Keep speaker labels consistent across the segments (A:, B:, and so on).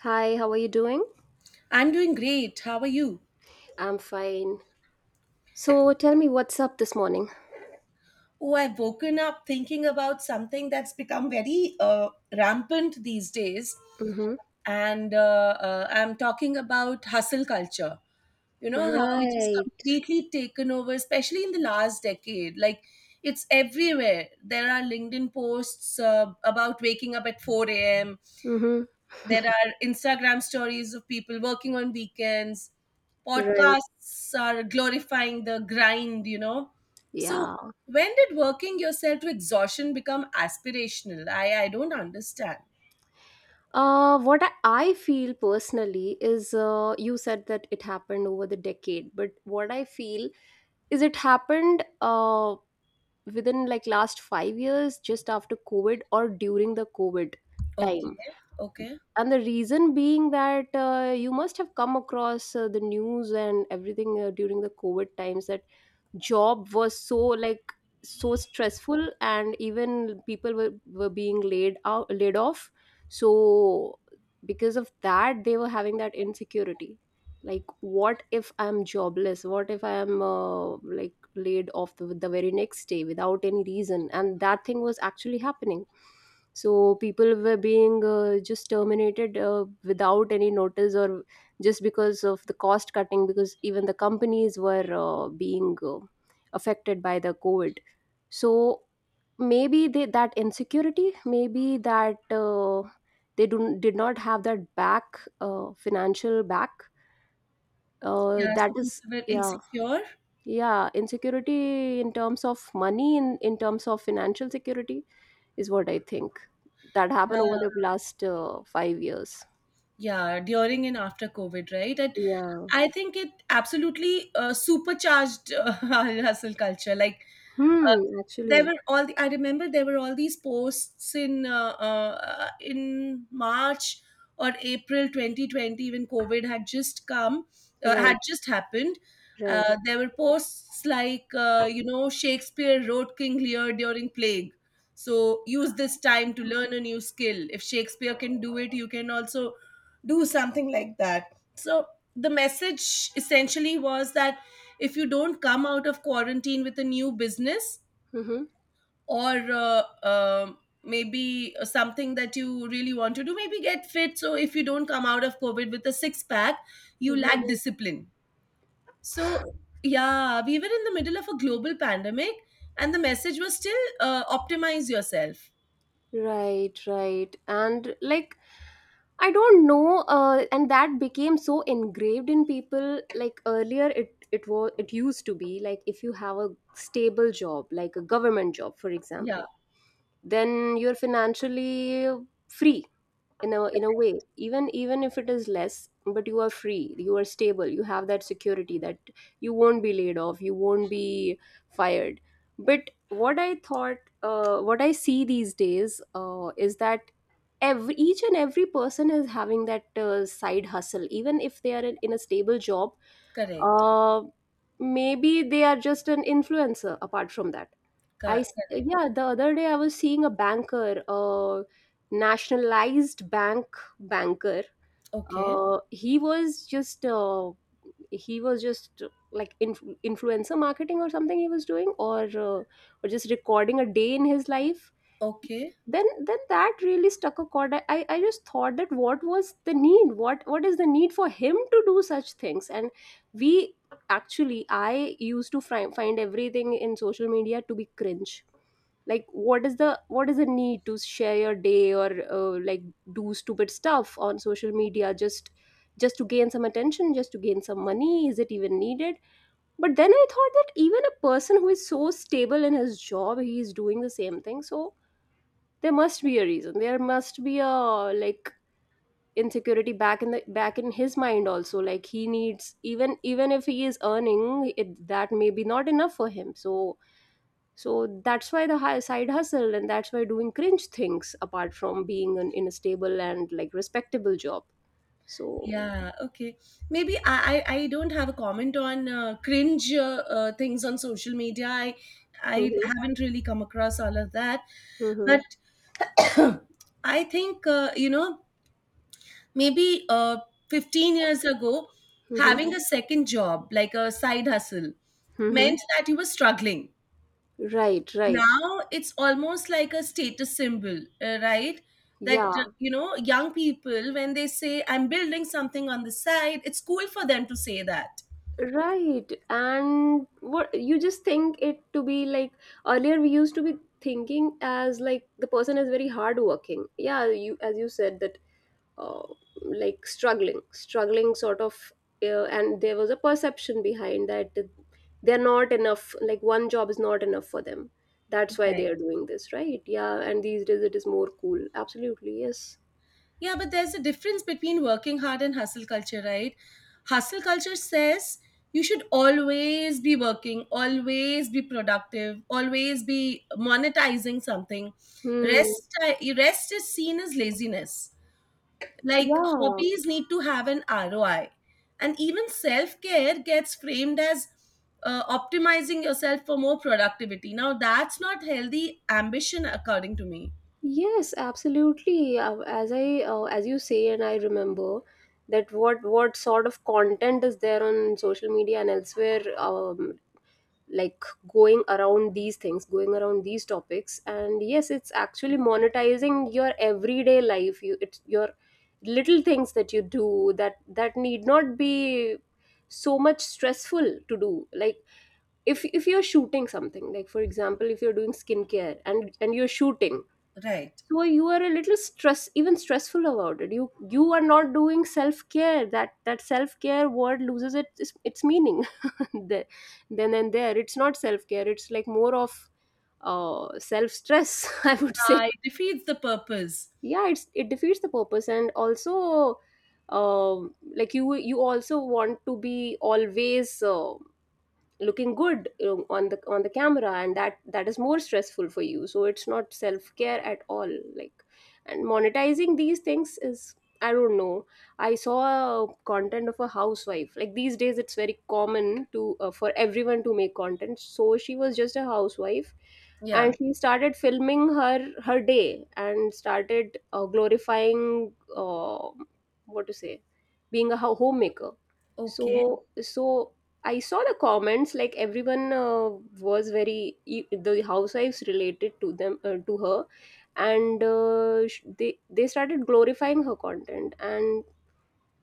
A: Hi, how are you doing?
B: I'm doing great. How are you?
A: I'm fine. So tell me what's up this morning.
B: Oh, I've woken up thinking about something that's become very rampant these days.
A: Mm-hmm.
B: And I'm talking about hustle culture. You know, how it has
A: Right.
B: completely taken over, especially in the last decade. Like, it's everywhere. There are LinkedIn posts about waking up at 4 a.m.,
A: Mm-hmm.
B: there are Instagram stories of people working on weekends.
A: Right.
B: Podcasts are glorifying the grind, you know. So,
A: Yeah.
B: when did working yourself to exhaustion become aspirational? I don't understand.
A: What I feel personally is, you said that it happened over the decade, but what I feel is it happened, within, like, last 5 years, just after COVID or during the COVID
B: Okay,
A: time.
B: okay.
A: And the reason being that, you must have come across, the news and everything, during the COVID times, that job was so, like, so stressful, and even people were being laid off. So because of that, they were having that insecurity, like, what if I'm jobless? What if I'm, like, laid off the very next day without any reason? And that thing was actually happening. So people were being, just terminated, without any notice, or just because of the cost cutting, because even the companies were, being, affected by the COVID. So maybe, that insecurity, maybe that, did not have that back, financial back,
B: Yeah,
A: that
B: so people
A: is,
B: were
A: yeah.
B: insecure.
A: Yeah, insecurity in terms of money, in terms of financial security, is what I think that happened over
B: Yeah,
A: the last, 5 years.
B: yeah, during and after COVID, right? And
A: Yeah.
B: I think it absolutely supercharged our hustle culture. Like uh,
A: Hmm.
B: there
A: Actually.
B: were all the, I remember there were all these posts in March or April 2020 when COVID had just come had
A: Right.
B: just happened.
A: Right.
B: There were posts like you know Shakespeare wrote King Lear during plague. So use this time to learn a new skill. If Shakespeare can do it, you can also do something like that. So the message essentially was that if you don't come out of quarantine with a new business,
A: Mm-hmm.
B: or maybe something that you really want to do, maybe get fit, so if you don't come out of covid with a six pack you lack Mhm. discipline. So yeah, we were in the middle of a global pandemic and the message was still optimize yourself.
A: Right, right. And, like, I don't know, and that became so engraved in people. Like, earlier, it used to be like if you have a stable job, like a government job, for
B: Yeah,
A: example, then you're financially free in a way. Even if it is less, but you are free, you are stable, you have that security that you won't be laid off, you won't be fired. But what I see these days, is that every each and every person is having that side hustle, even if they are in a stable job.
B: correct.
A: uh, Maybe they are just an influencer apart from that.
B: Ca- correct.
A: Yeah, the other day I was seeing a banker, a nationalized bank banker.
B: Okay,
A: Uh, he was just uh, he was just, like, influencer marketing or something he was doing, or just recording a day in his life.
B: okay.
A: Then that really stuck a chord. I just thought, that what was the need? What is the need for him to do such things? And we actually I used to find everything in social media to be cringe. Like, what is the need to share your day, or, like, do stupid stuff on social media, just to gain some attention, just to gain some money? Is it even needed? But then I thought that even a person who is so stable in his job, he is doing the same thing. So there must be a reason, there must be a, like, insecurity back in his mind also. Like, he needs, even if he is earning it, that may be not enough for him. So that's why the high side hustle, and that's why doing cringe things, apart from being in a stable and, like, respectable job. So.
B: Yeah, okay, maybe I don't have a comment on cringe things on social media. I
A: Mhm,
B: haven't really come across all of that.
A: mhm,
B: But I think, you know, maybe 15 years ago,
A: mhm,
B: having a second job, like a side hustle,
A: mhm.
B: meant that you were struggling.
A: Right, right.
B: Now it's almost like a status symbol, right? That,
A: Yeah,
B: you know, young people, when they say, I'm building something on the side, it's cool for them to say that.
A: right. And what you just think it to be, like, earlier we used to be thinking as, like, the person is very hard working. Yeah, you, as you said that, uh, like, struggling, struggling sort of, and there was a perception behind that, they're not enough, like, one job is not enough for them, that's why they are doing this. Right? Yeah, and these days it is more cool, absolutely, yes.
B: Yeah, but there's a difference between working hard and hustle culture, right? Hustle culture says you should always be working, always be productive, always be monetizing something.
A: Hmm.
B: Rest is seen as laziness. Like
A: Yeah.
B: hobbies need to have an ROI. And even self care gets framed as optimizing yourself for more productivity. Now, that's not healthy ambition, according to me.
A: Yes, absolutely. As you say, and I remember that what sort of content is there on social media and elsewhere, like, going around these topics, and yes, it's actually monetizing your everyday life. You it's your little things that you do, that need not be so much stressful to do, like, if you're shooting something, like, for example, if you're doing skincare, and you're shooting,
B: Right.
A: so you are a little stress even stressful about it. You are not doing self care. That self care word loses its meaning. The- then and there it's not self care, it's like more of self stress. I would say,
B: It defeats the purpose.
A: yeah, it defeats the purpose, and also, like, you also want to be always, looking good, on the camera, and that is more stressful for you, so it's not self care at all, like. And monetizing these things is, I don't know. I saw content of a housewife. Like, these days, it's very common to for everyone to make content. So she was just a housewife,
B: Yeah.
A: and she started filming her day and started, glorifying, what to say, being a homemaker.
B: Okay.
A: So I saw the comments, like, everyone, the housewives related to them, to her, and, they started glorifying her content,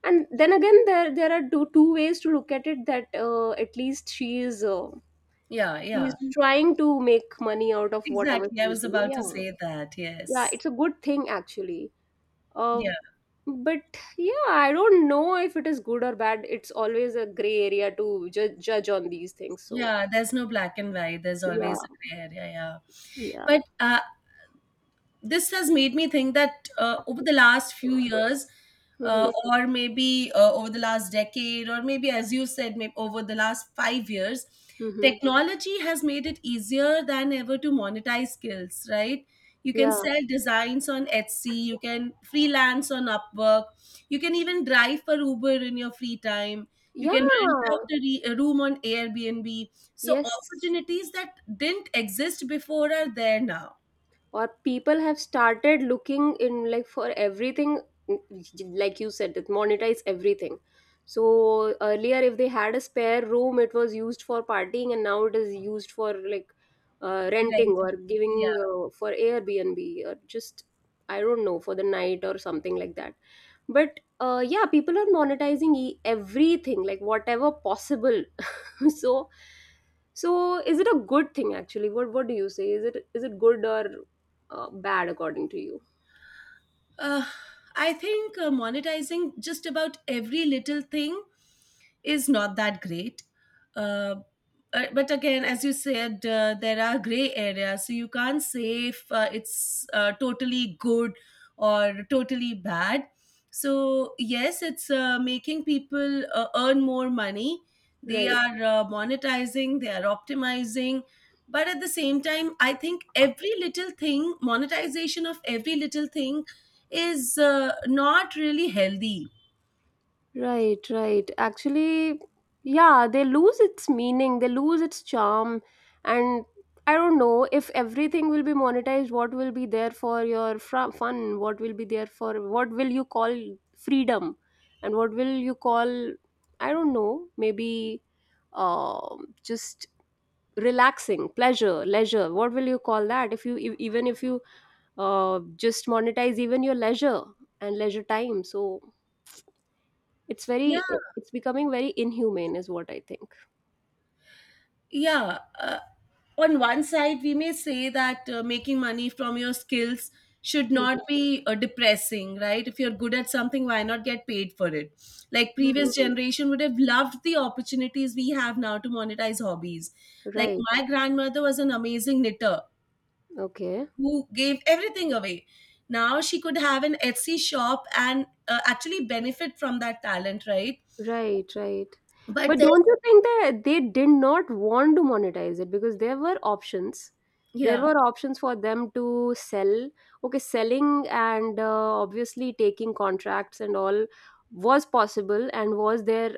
A: and then again, there are two ways to look at it, that, at least she is uh,
B: Yeah,
A: she
B: yeah.
A: is trying to make money out of whatever
B: Exactly.
A: she
B: I
A: is
B: was
A: doing.
B: about to
A: Yeah,
B: say that.
A: yeah,
B: Yes.
A: it's a good thing actually. Uh,
B: Yeah.
A: but yeah, I don't know if it is good or bad. It's always a gray area to judge on these things. So,
B: Yeah. There's no black and white. There's always
A: yeah.
B: a gray area. Yeah.
A: Yeah.
B: But this has made me think that over the last few years
A: Mm-hmm.
B: or maybe over the last decade or maybe as you said maybe over the last 5 years,
A: Mm-hmm.
B: technology has made it easier than ever to monetize skills, right? You can
A: Yeah.
B: sell designs on etsy, you can freelance on upwork, you can even drive for uber in your free time, you
A: Yeah.
B: can rent out a room on airbnb. So
A: Yes.
B: opportunities that didn't exist before are there now.
A: Or people have started looking in, like, for everything, like you said, that monetize everything. So earlier, if they had a spare room, it was used for partying, and now it is used for, like, renting or giving,
B: Rent.
A: for Airbnb, or just, I don't know, for the night or something like that. But yeah, people are monetizing everything, like, whatever possible. so so is it a good thing, actually? What do you say, is it good or, bad, according to you?
B: Uh, I think monetizing just about every little thing is not that great. Uh, but again, as you said, there are gray areas, so you can't say if it's totally good or totally bad. So yes, it's making people earn more money. They
A: Right.
B: are monetizing, they are optimizing, but at the same time, I think every little thing, monetization of every little thing, is not really healthy.
A: Right, right. Actually, yeah, they lose its meaning, they lose its charm. And I don't know, if everything will be monetized, what will be there for your fun? What will be there for What will you call freedom? And what will you call, I don't know, maybe, just relaxing, pleasure, leisure. What will you call that, if even if you, just monetize even your leisure and leisure time? So it's
B: Yeah,
A: very it it's becoming very inhumane, is what I think.
B: yeah, on one side we may say that making money from your skills should not
A: Mhm.
B: be depressing, right? If you're good at something, why not get paid for it? Like previous
A: Hmm.
B: Mhm. generation would have loved the opportunities we have now to monetize hobbies. Like
A: Right.
B: my grandmother was an amazing knitter
A: Okay.
B: who gave everything away. Now she could have an etsy shop and actually benefit from that talent, right?
A: Right, right.
B: But
A: But
B: there's
A: don't you think that they did not want to monetize it, because there were options? There
B: yeah.
A: were options for them to sell. Okay, selling and, obviously, taking contracts and all was possible, and was there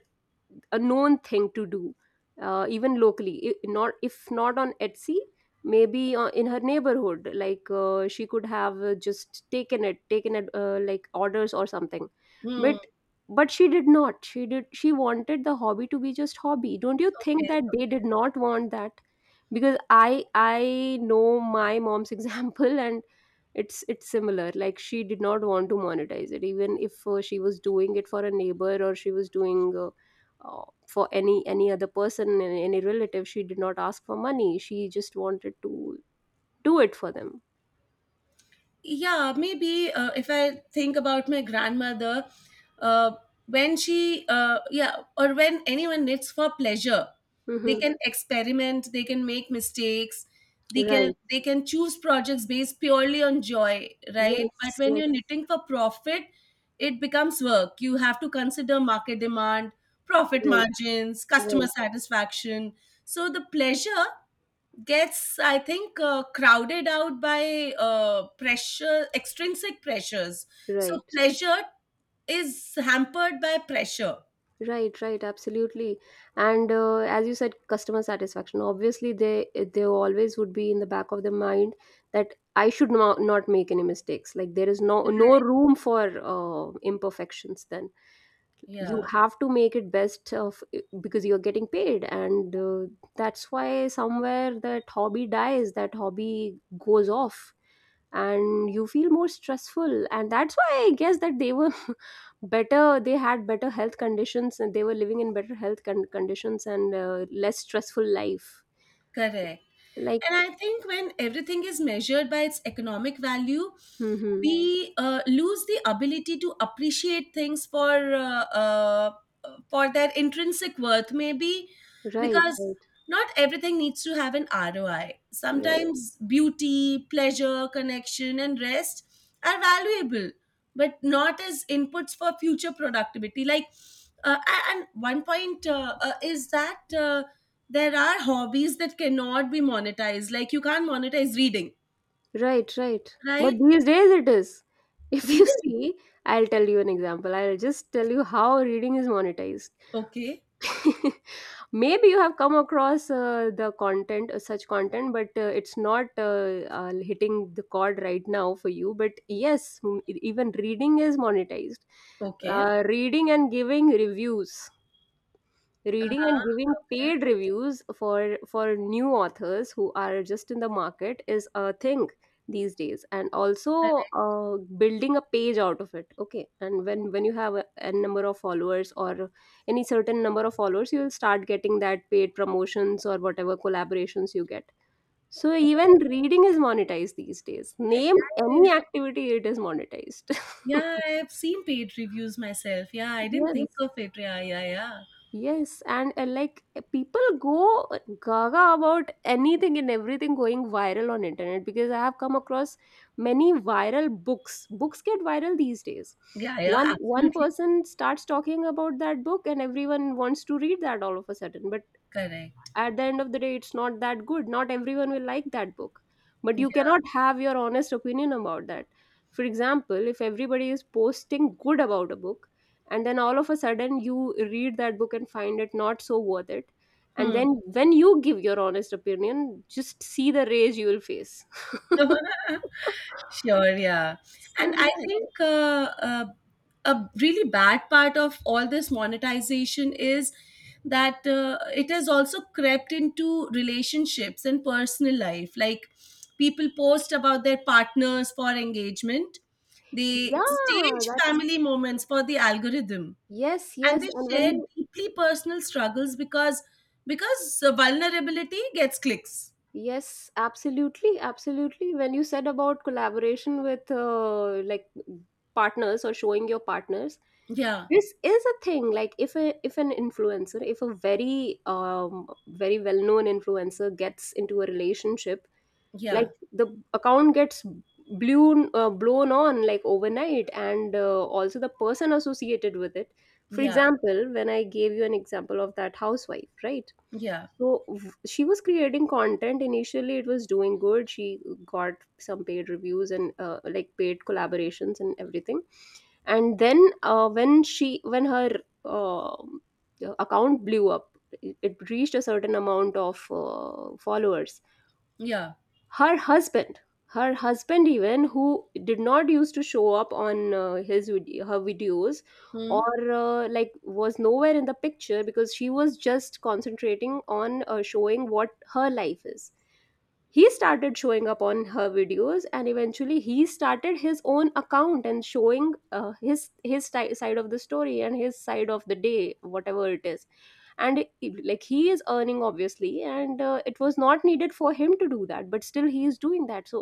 A: a known thing to do, even locally, I- not if not on Etsy, maybe, in her neighborhood, like, she could have, just taken it like, orders or something. but
B: Hmm.
A: but she did not, she wanted the hobby to be just hobby. Don't you think
B: Okay.
A: that they did not want that? Because I know my mom's example, and it's similar. Like, she did not want to monetize it, even if, she was doing it for a neighbor, or she was doing, for any other person, any relative. She did not ask for money. She just wanted to do it for them.
B: Yeah, maybe if I think about my grandmother uh, when she yeah, or when anyone knits for pleasure, they
A: Mm-hmm.
B: can experiment, they can make mistakes,
A: Right.
B: they can choose projects based purely on joy, right? But
A: Yes.
B: when
A: Yes.
B: you're knitting for profit, it becomes work. You have to consider market demand, profit
A: Right.
B: margins, customer
A: Right.
B: satisfaction. So the pleasure gets, I think, crowded out by pressure, extrinsic pressures. So
A: Right.
B: pleasure is hampered by pressure.
A: Right, right, absolutely. And as you said, customer satisfaction. Obviously, they always would be in the back of the mind that I should not make any mistakes. Like, there is no
B: Right.
A: room for, imperfections. Then you
B: Yeah.
A: have to make it best of, because you're getting paid, and, that's why somewhere that hobby dies, that hobby goes off, and you feel more stressful, and that's why I guess that they were better they had better health conditions, and they were living in better health conditions, and, less stressful life,
B: Correct. And
A: like.
B: I think when everything is measured by its economic value,
A: Hmm. Hmm.
B: we lose the ability to appreciate things for their intrinsic worth, maybe,
A: right
B: because
A: right
B: not everything needs to have an ROI.
A: right
B: Sometimes beauty, pleasure, connection, and rest are valuable, but not as inputs for future productivity. Like, and one point is that. There are hobbies that cannot be monetized, like you can't monetize reading,
A: right, but
B: right?
A: these days it is, if you
B: Reading.
A: see, I'll tell you an example. I'll just tell you how reading is monetized.
B: Okay.
A: maybe you have come across the content, such content, but it's not hitting the chord right now for you. But yes, even reading is monetized.
B: Okay.
A: Reading and giving reviews, reading
B: Uh-huh.
A: and giving
B: Okay.
A: paid reviews for new authors who are just in the market is a thing these days. And also
B: Correct.
A: building a page out of it. Okay, and when you have a number of followers, or any certain number of followers, you'll start getting that paid promotions or whatever collaborations you get. So
B: Oh,
A: even reading is monetized these days.
B: yeah,
A: Name
B: yeah, yeah.
A: any activity, it is monetized.
B: Yeah, I've seen paid reviews myself. Yeah, I didn't think
A: yes.
B: of it. Yeah, yeah, yeah.
A: Yes, and like, people go gaga about anything and everything going viral on internet, because I have come across many viral books. Books get viral these days.
B: Yeah, yeah,
A: One
B: absolutely
A: person starts talking about that book and everyone wants to read that all of a sudden. But
B: correct.
A: at the end of the day, it's not that good, not everyone will like that book. But you cannot
B: Yeah.
A: have your honest opinion about that. For example, if everybody is posting good about a book and then all of a sudden you read that book and find it not so worth it, and then when you give your honest opinion, just see the rage you will face.
B: Hmm. Sure, yeah. And
A: so
B: I
A: yeah.
B: think a really bad part of all this monetization is that it has also crept into relationships and personal life. Like people post about their partners for engagement, they
A: Yeah,
B: stage
A: that's,
B: family moments for the algorithm,
A: yes,
B: and
A: yes,
B: they
A: and when
B: share
A: you,
B: deeply personal struggles because vulnerability gets clicks.
A: yes, absolutely, absolutely. When you said about collaboration with, like, partners or showing your partners,
B: Yeah,
A: this is a thing. Like, if a, if an influencer, if a very very well known influencer gets into a relationship, like
B: yeah,
A: the account gets blown, blown on, like, overnight, and also the person associated with it. For
B: yeah,
A: example, when I gave you an example of that housewife, right?
B: yeah,
A: So she was creating content. Initially, it was doing good. She got some paid reviews and, like, paid collaborations and everything. And then when she, when her um account blew up, it reached a certain amount of followers.
B: yeah.
A: Her husband, her husband even, who did not used to show up on her videos,
B: Hmm?
A: or like, was nowhere in the picture because she was just concentrating on showing what her life is, he started showing up on her videos, and eventually he started his own account and showing side of the story and his side of the day, whatever it is. And like, he is earning obviously, and it was not needed for him to do that, but still he is doing that. So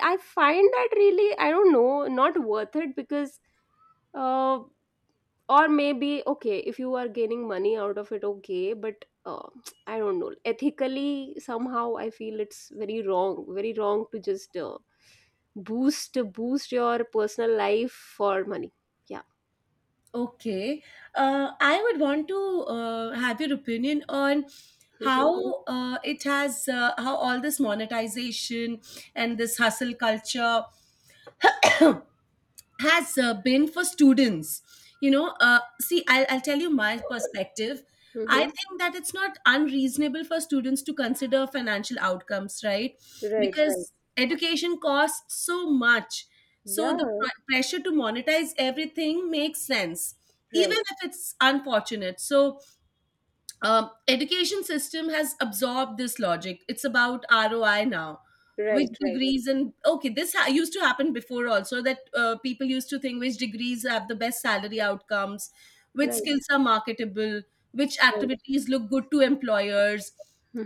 A: I find that really, I don't know, not worth it. Because uh, or maybe okay, if you are gaining money out of it, okay, but I don't know, ethically somehow I feel it's very wrong, very wrong to just boost your personal life for money. Yeah.
B: Okay. I would want to have your opinion on
A: Mm-hmm.
B: how how all this monetization and this hustle culture has been for students. You know, see, I'll tell you my perspective. I
A: Mm-hmm.
B: think that it's not unreasonable for students to consider financial outcomes, right?
A: Right, right.
B: Because education costs so much, so the
A: Yeah.
B: pressure to monetize everything makes sense, even
A: Right,
B: if it's unfortunate. So education system has absorbed this logic. It's about roi now, which
A: right, right,
B: degrees and okay, this used to happen before also, that people used to think which degrees have the best salary outcomes, which
A: right,
B: skills are marketable, which
A: right.
B: activities look good to employers.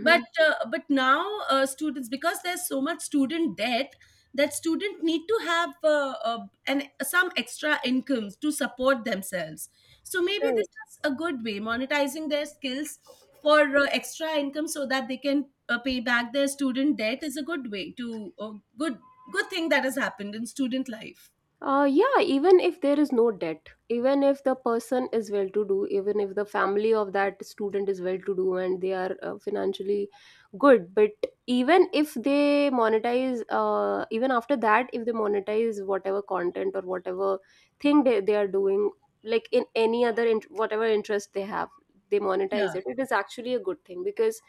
B: but uh, but now students, because there's so much student debt, that student need to have an some extra incomes to support themselves. So maybe this
A: Right.
B: is a good way, monetizing their skills for extra income so that they can pay back their student debt, is a good way to a good good thing that has happened in student life.
A: Yeah, even if there is no debt, even if the person is well to do, even if the family of that student is well to do and they are financially good, but even if they monetize, even after that, if they monetize whatever content or whatever thing they are doing, like in any other, whatever interest they have, they monetize
B: Yeah,
A: it, it is actually a good thing. because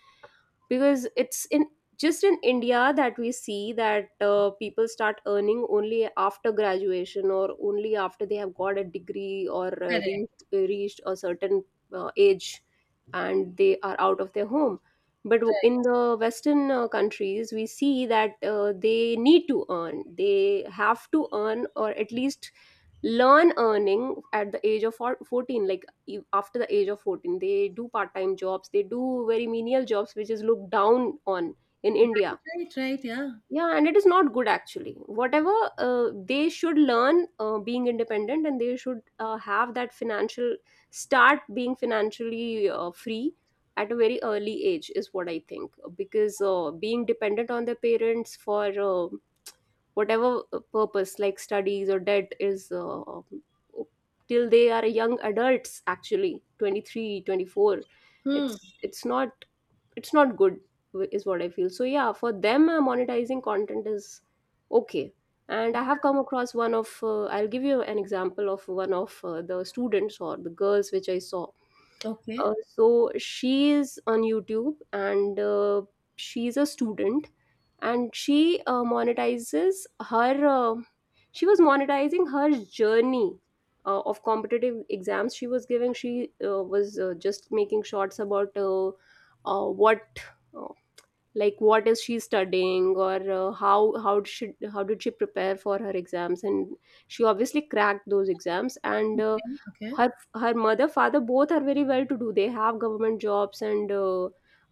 A: because it's in, just in india that we see that people start earning only after graduation, or only after they have got a degree, or
B: correct.
A: reached a certain age and they are out of their home. But
B: Right,
A: in the western countries, we see that they need to earn, they have to earn, or at least learn earning at the age of 14, like, after the age of 14 they do part-time jobs, they do very menial jobs, which is looked down on in india.
B: right, right, right. Yeah.
A: Yeah, and it is not good actually. Whatever, they should learn being independent, and they should have that financial start being financially free at a very early age is what I think. Because being dependent on their parents for whatever purpose, like studies or debt, is till they are young adults, actually 23, 24,
B: Hmm.
A: it's not, it's not good, is what I feel. So yeah, for them, monetizing content is okay. And I have come across one of, I'll give you an example of one of the students or the girls which I saw.
B: Okay.
A: So she is on youtube, and she's a student, and she monetizes her she was monetizing her journey of competitive exams. She was giving, she was just making shorts about what uh, like, what is she studying, or how did she prepare for her exams, and she obviously cracked those exams. And
B: Okay. Okay.
A: her, her mother father both are very well to do, they have government jobs, and uh,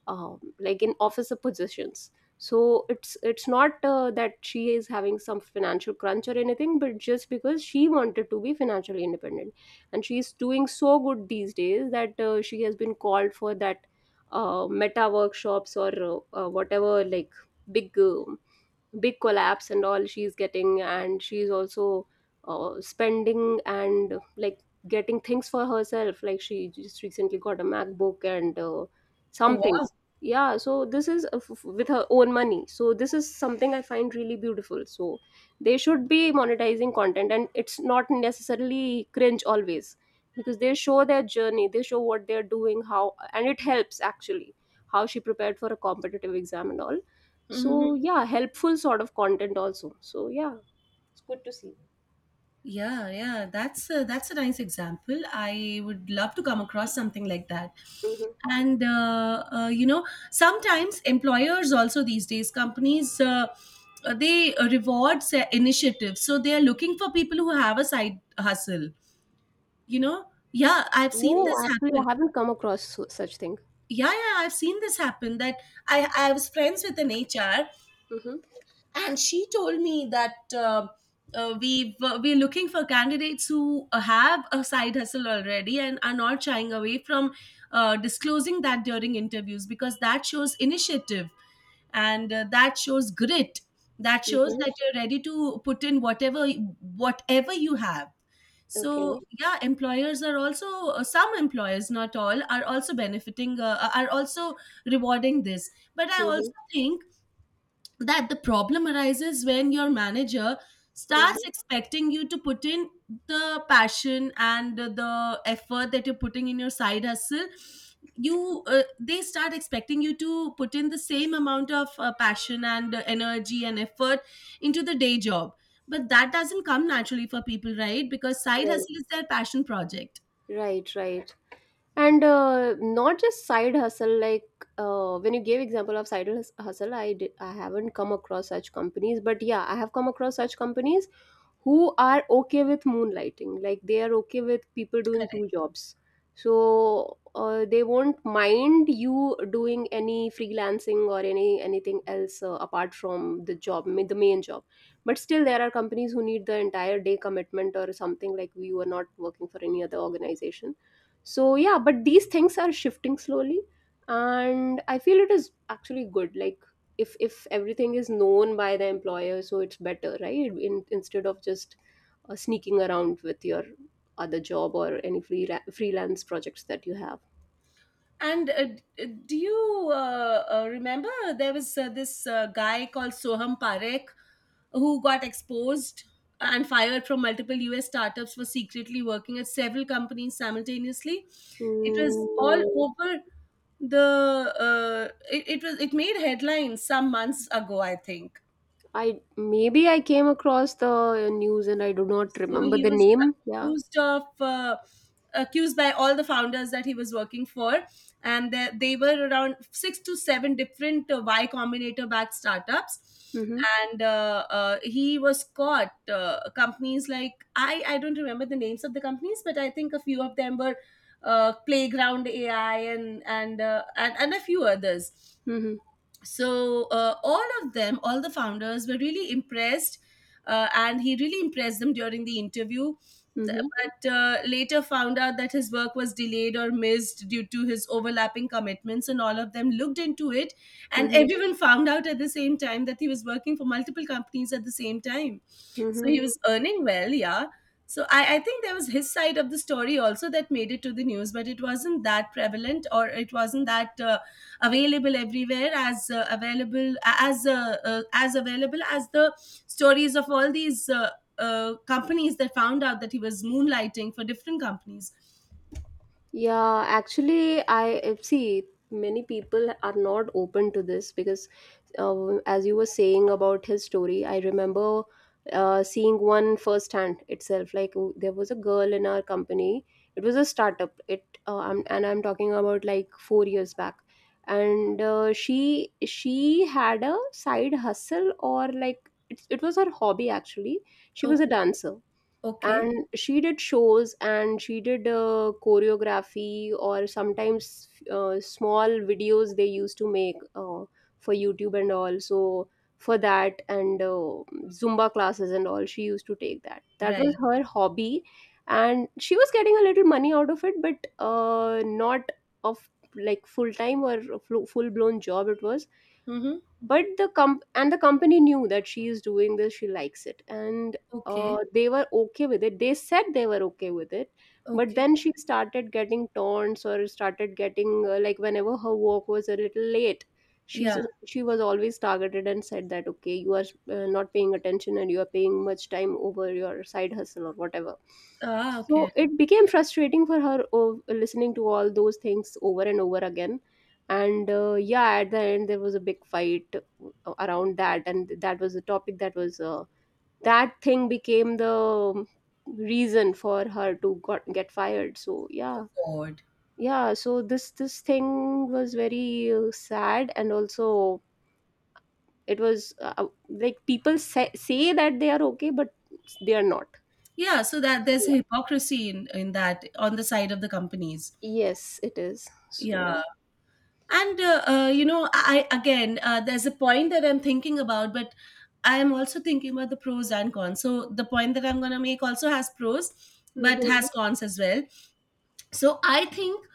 A: um, like, in officer positions. So it's not that she is having some financial crunch or anything, but just because she wanted to be financially independent. And she is doing so good these days that she has been called for that meta workshops, or whatever, like, big big collapse and all she's getting. And she's also spending, and, like, getting things for herself. Like, she just recently got a macbook and
B: Oh,
A: some
B: wow.
A: things. Yeah, so this is with her own money. So this is something I find really beautiful. So they should be monetizing content, and it's not necessarily cringe always, because they show their journey, they show what they're doing, how, and it helps actually, how she prepared for a competitive exam and all.
B: Hmm.
A: So yeah, helpful sort of content also. So yeah, it's good to see.
B: Yeah, yeah, that's a nice example. I would love to come across something like that.
A: Hmm.
B: And you know, sometimes employers also these days, companies they reward initiatives, so they are looking for people who have a side hustle. You know, yeah, I've seen
A: No,
B: this
A: actually, I
B: happen.
A: haven't come across such thing.
B: Yeah, yeah, I've seen this happen. That I was friends with an HR,
A: Mm-hmm.
B: and she told me that we we're looking for candidates who have a side hustle already and are not shying away from disclosing that during interviews, because that shows initiative and that shows grit, that shows
A: Mm-hmm.
B: that you're ready to put in whatever you have. So
A: Okay.
B: yeah, employers are also some employers, not all, are also benefiting are also rewarding this. But I
A: Mm-hmm.
B: also think that the problem arises when your manager starts
A: Mm-hmm.
B: expecting you to put in the passion and the effort that you're putting in your side hustle. You they start expecting you to put in the same amount of passion and energy and effort into the day job, but that doesn't come naturally for people, right? Because side
A: Right.
B: hustle is their passion project.
A: Right. Right. And not just side hustle, like, when you gave example of hustle, I haven't come across such companies, but yeah, I have come across such companies who are okay with moonlighting, like, they are okay with people doing
B: Correct.
A: two jobs. So they won't mind you doing any freelancing or any anything else apart from the the main job. But still there are companies who need the entire day commitment or something, like, you are not working for any other organization. So yeah, but these things are shifting slowly. And I feel it is actually good. Like, if everything is known by the employer, so it's better, right? Instead of just sneaking around with your other job, or any freelance projects that you have.
B: And do you remember there was this guy called Soham Parekh who got exposed and fired from multiple US startups for secretly working at several companies simultaneously? It
A: Mm,
B: was
A: no.
B: all over the it was, it made headlines some months ago I think.
A: I maybe I came across the news and I do not
B: So
A: remember
B: he
A: the
B: was
A: name, yeah.
B: accused of accused by all the founders that he was working for, and they were around 6 to 7 different Y Combinator backed startups.
A: Mm-hmm.
B: And he was caught. Companies like I don't remember the names of the companies, but I think a few of them were Playground AI and and a few others.
A: Mm-hmm.
B: So all of them, all the founders were really impressed and he really impressed them during the interview. The-
A: Mm-hmm.
B: but uh, later found out that his work was delayed or missed due to his overlapping commitments, and all of them looked into it and
A: Mm-hmm.
B: everyone found out at the same time that he was working for multiple companies at the same time. So he
A: Mm-hmm.
B: was earning well, yeah. So I think there was his side of the story also that made it to the news, but it wasn't that prevalent or it wasn't that available everywhere, as available as available as the stories of all these companies that found out that he was moonlighting for different companies.
A: Yeah, actually, I see many people are not open to this because, as you were saying about his story, I remember seeing one firsthand itself. Like, there was a girl in our company. It was a startup. And I'm talking about, like, 4 years back. And she had a side hustle, or like, it was her hobby actually. She was a
B: Okay.
A: dancer,
B: Okay.
A: and she did shows, and she did choreography, or sometimes small videos they used to make for youtube and all. So for that, and zumba classes and all she used to take, that, that
B: Right.
A: was her hobby. And she was getting a little money out of it, but not of, like, full time or full blown job it was.
B: Mm-hmm.
A: But the comp and the company knew that she is doing this, she likes it, and
B: Okay.
A: they were okay with it, they said they were okay with it. But
B: Okay.
A: then she started getting taunts, or started getting like, whenever her work was a little late, she's
B: Yeah.
A: she was always targeted and said that, okay, you are not paying attention and you are paying much time over your side hustle or whatever.
B: Ah,
A: So
B: okay.
A: it became frustrating for her, oh, listening to all those things over and over again. And yeah, at the end there was a big fight around that, and that was the topic that was, that thing became the um, reason for her to get fired. So yeah.
B: God.
A: Yeah, so this thing was very sad. And also, it was like, people say that they are okay, but they are not.
B: Yeah, so that there's
A: Yeah.
B: hypocrisy in that on the side of the companies.
A: Yes, it is
B: Yeah.
A: so.
B: And you know, I again, there's a point that I'm thinking about, but I am also thinking about the pros and cons, so the point that I'm going to make also has pros but Mhm.
A: Mhm.
B: has Mhm. cons as well. So I think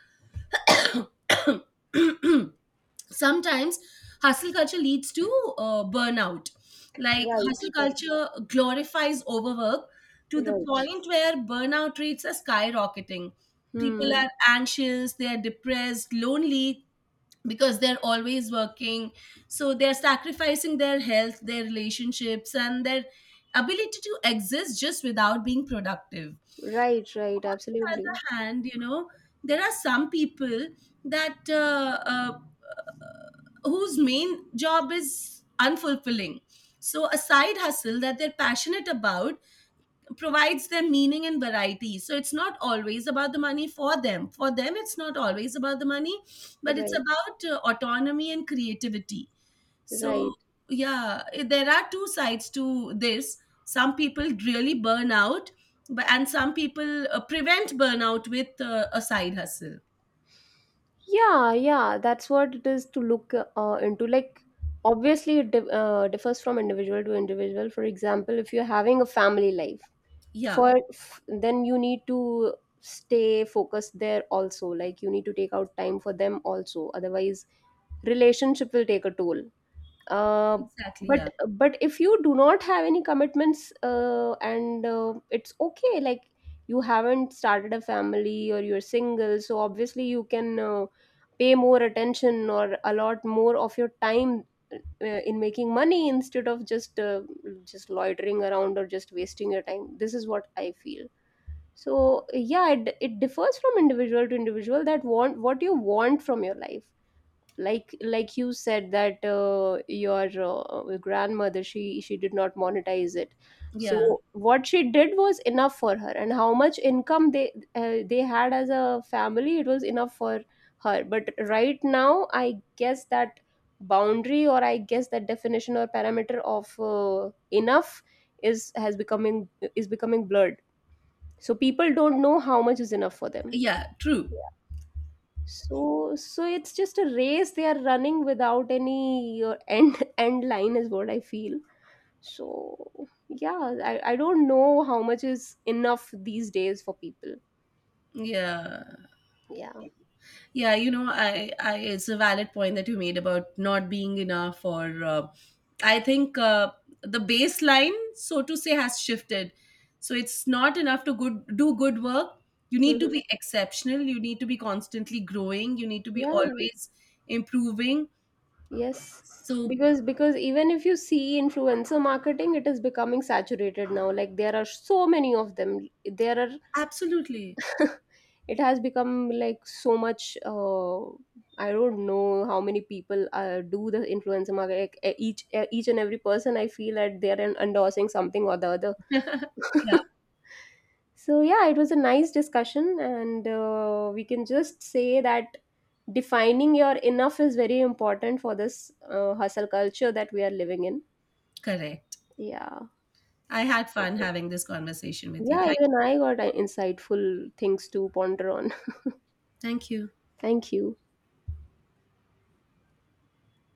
B: sometimes hustle culture leads to burnout. Like
A: Right,
B: hustle
A: right,
B: culture glorifies overwork to the
A: right.
B: point where burnout rates are skyrocketing. People Mhm.
A: Hmm.
B: are anxious, they are depressed, lonely, because they're always working. So they're sacrificing their health, their relationships and their ability to exist just without being productive.
A: Right, right,
B: On the
A: absolutely.
B: other hand, you know, there are some people that whose main job is unfulfilling, so a side hustle that they're passionate about provides them meaning and variety. So it's not always about the money for them. For them, it's not always about the money, but it's
A: Right,
B: about autonomy and creativity. So,
A: right.
B: yeah, there are two sides to this. Some people really burn out, but, and some people prevent burnout with a side hustle.
A: Yeah, yeah, that's what it is to look into. Like, obviously, it differs from individual to individual. For example, if you're having a family life,
B: Yeah,
A: for then you need to stay focused there also. Like, you need to take out time for them also. Otherwise, relationship will take a toll, uh,
B: exactly.
A: but
B: Yeah,
A: but if you do not have any commitments, and it's okay, like, you haven't started a family or you're single, so obviously you can pay more attention or allot more of your time uh, in making money, instead of just loitering around, or just wasting your time. This is what I feel. So yeah, it differs from individual to individual, that want, what you want from your life. Like you said that your grandmother, she did not monetize it.
B: yeah,
A: So what she did was enough for her, and how much income they had as a family, it was enough for her. But right now I guess that boundary, or I guess that definition or parameter of enough is has becoming, is becoming blurred. So people don't know how much is enough for them.
B: yeah, true.
A: So, so it's just a race they are running without any end, end line is what I feel. So yeah, I don't know how much is enough these days for people.
B: Yeah.
A: Yeah.
B: Yeah, you know, I it's a valid point that you made about not being enough, or I think the baseline, so to say, has shifted. So it's not enough to good do good work. You need to
A: Mhm.
B: be exceptional. You need to be constantly growing. You need to be
A: Yeah.
B: always improving.
A: Yes.
B: So
A: Because even if you see influencer marketing, it is becoming saturated now. Like, there are so many of them. There are,
B: absolutely,
A: it has become like so much, uh, I don't know how many people do the influencer market. Like, each, each and every person, I feel that they're endorsing something or the other.
B: yeah,
A: so yeah, it was a nice discussion, and we can just say that defining your enough is very important for this hustle culture that we are living in.
B: correct.
A: Yeah.
B: I had
A: So,
B: fun having this conversation with you.
A: yeah, even I got insightful things to ponder on.
B: Thank you.
A: thank you.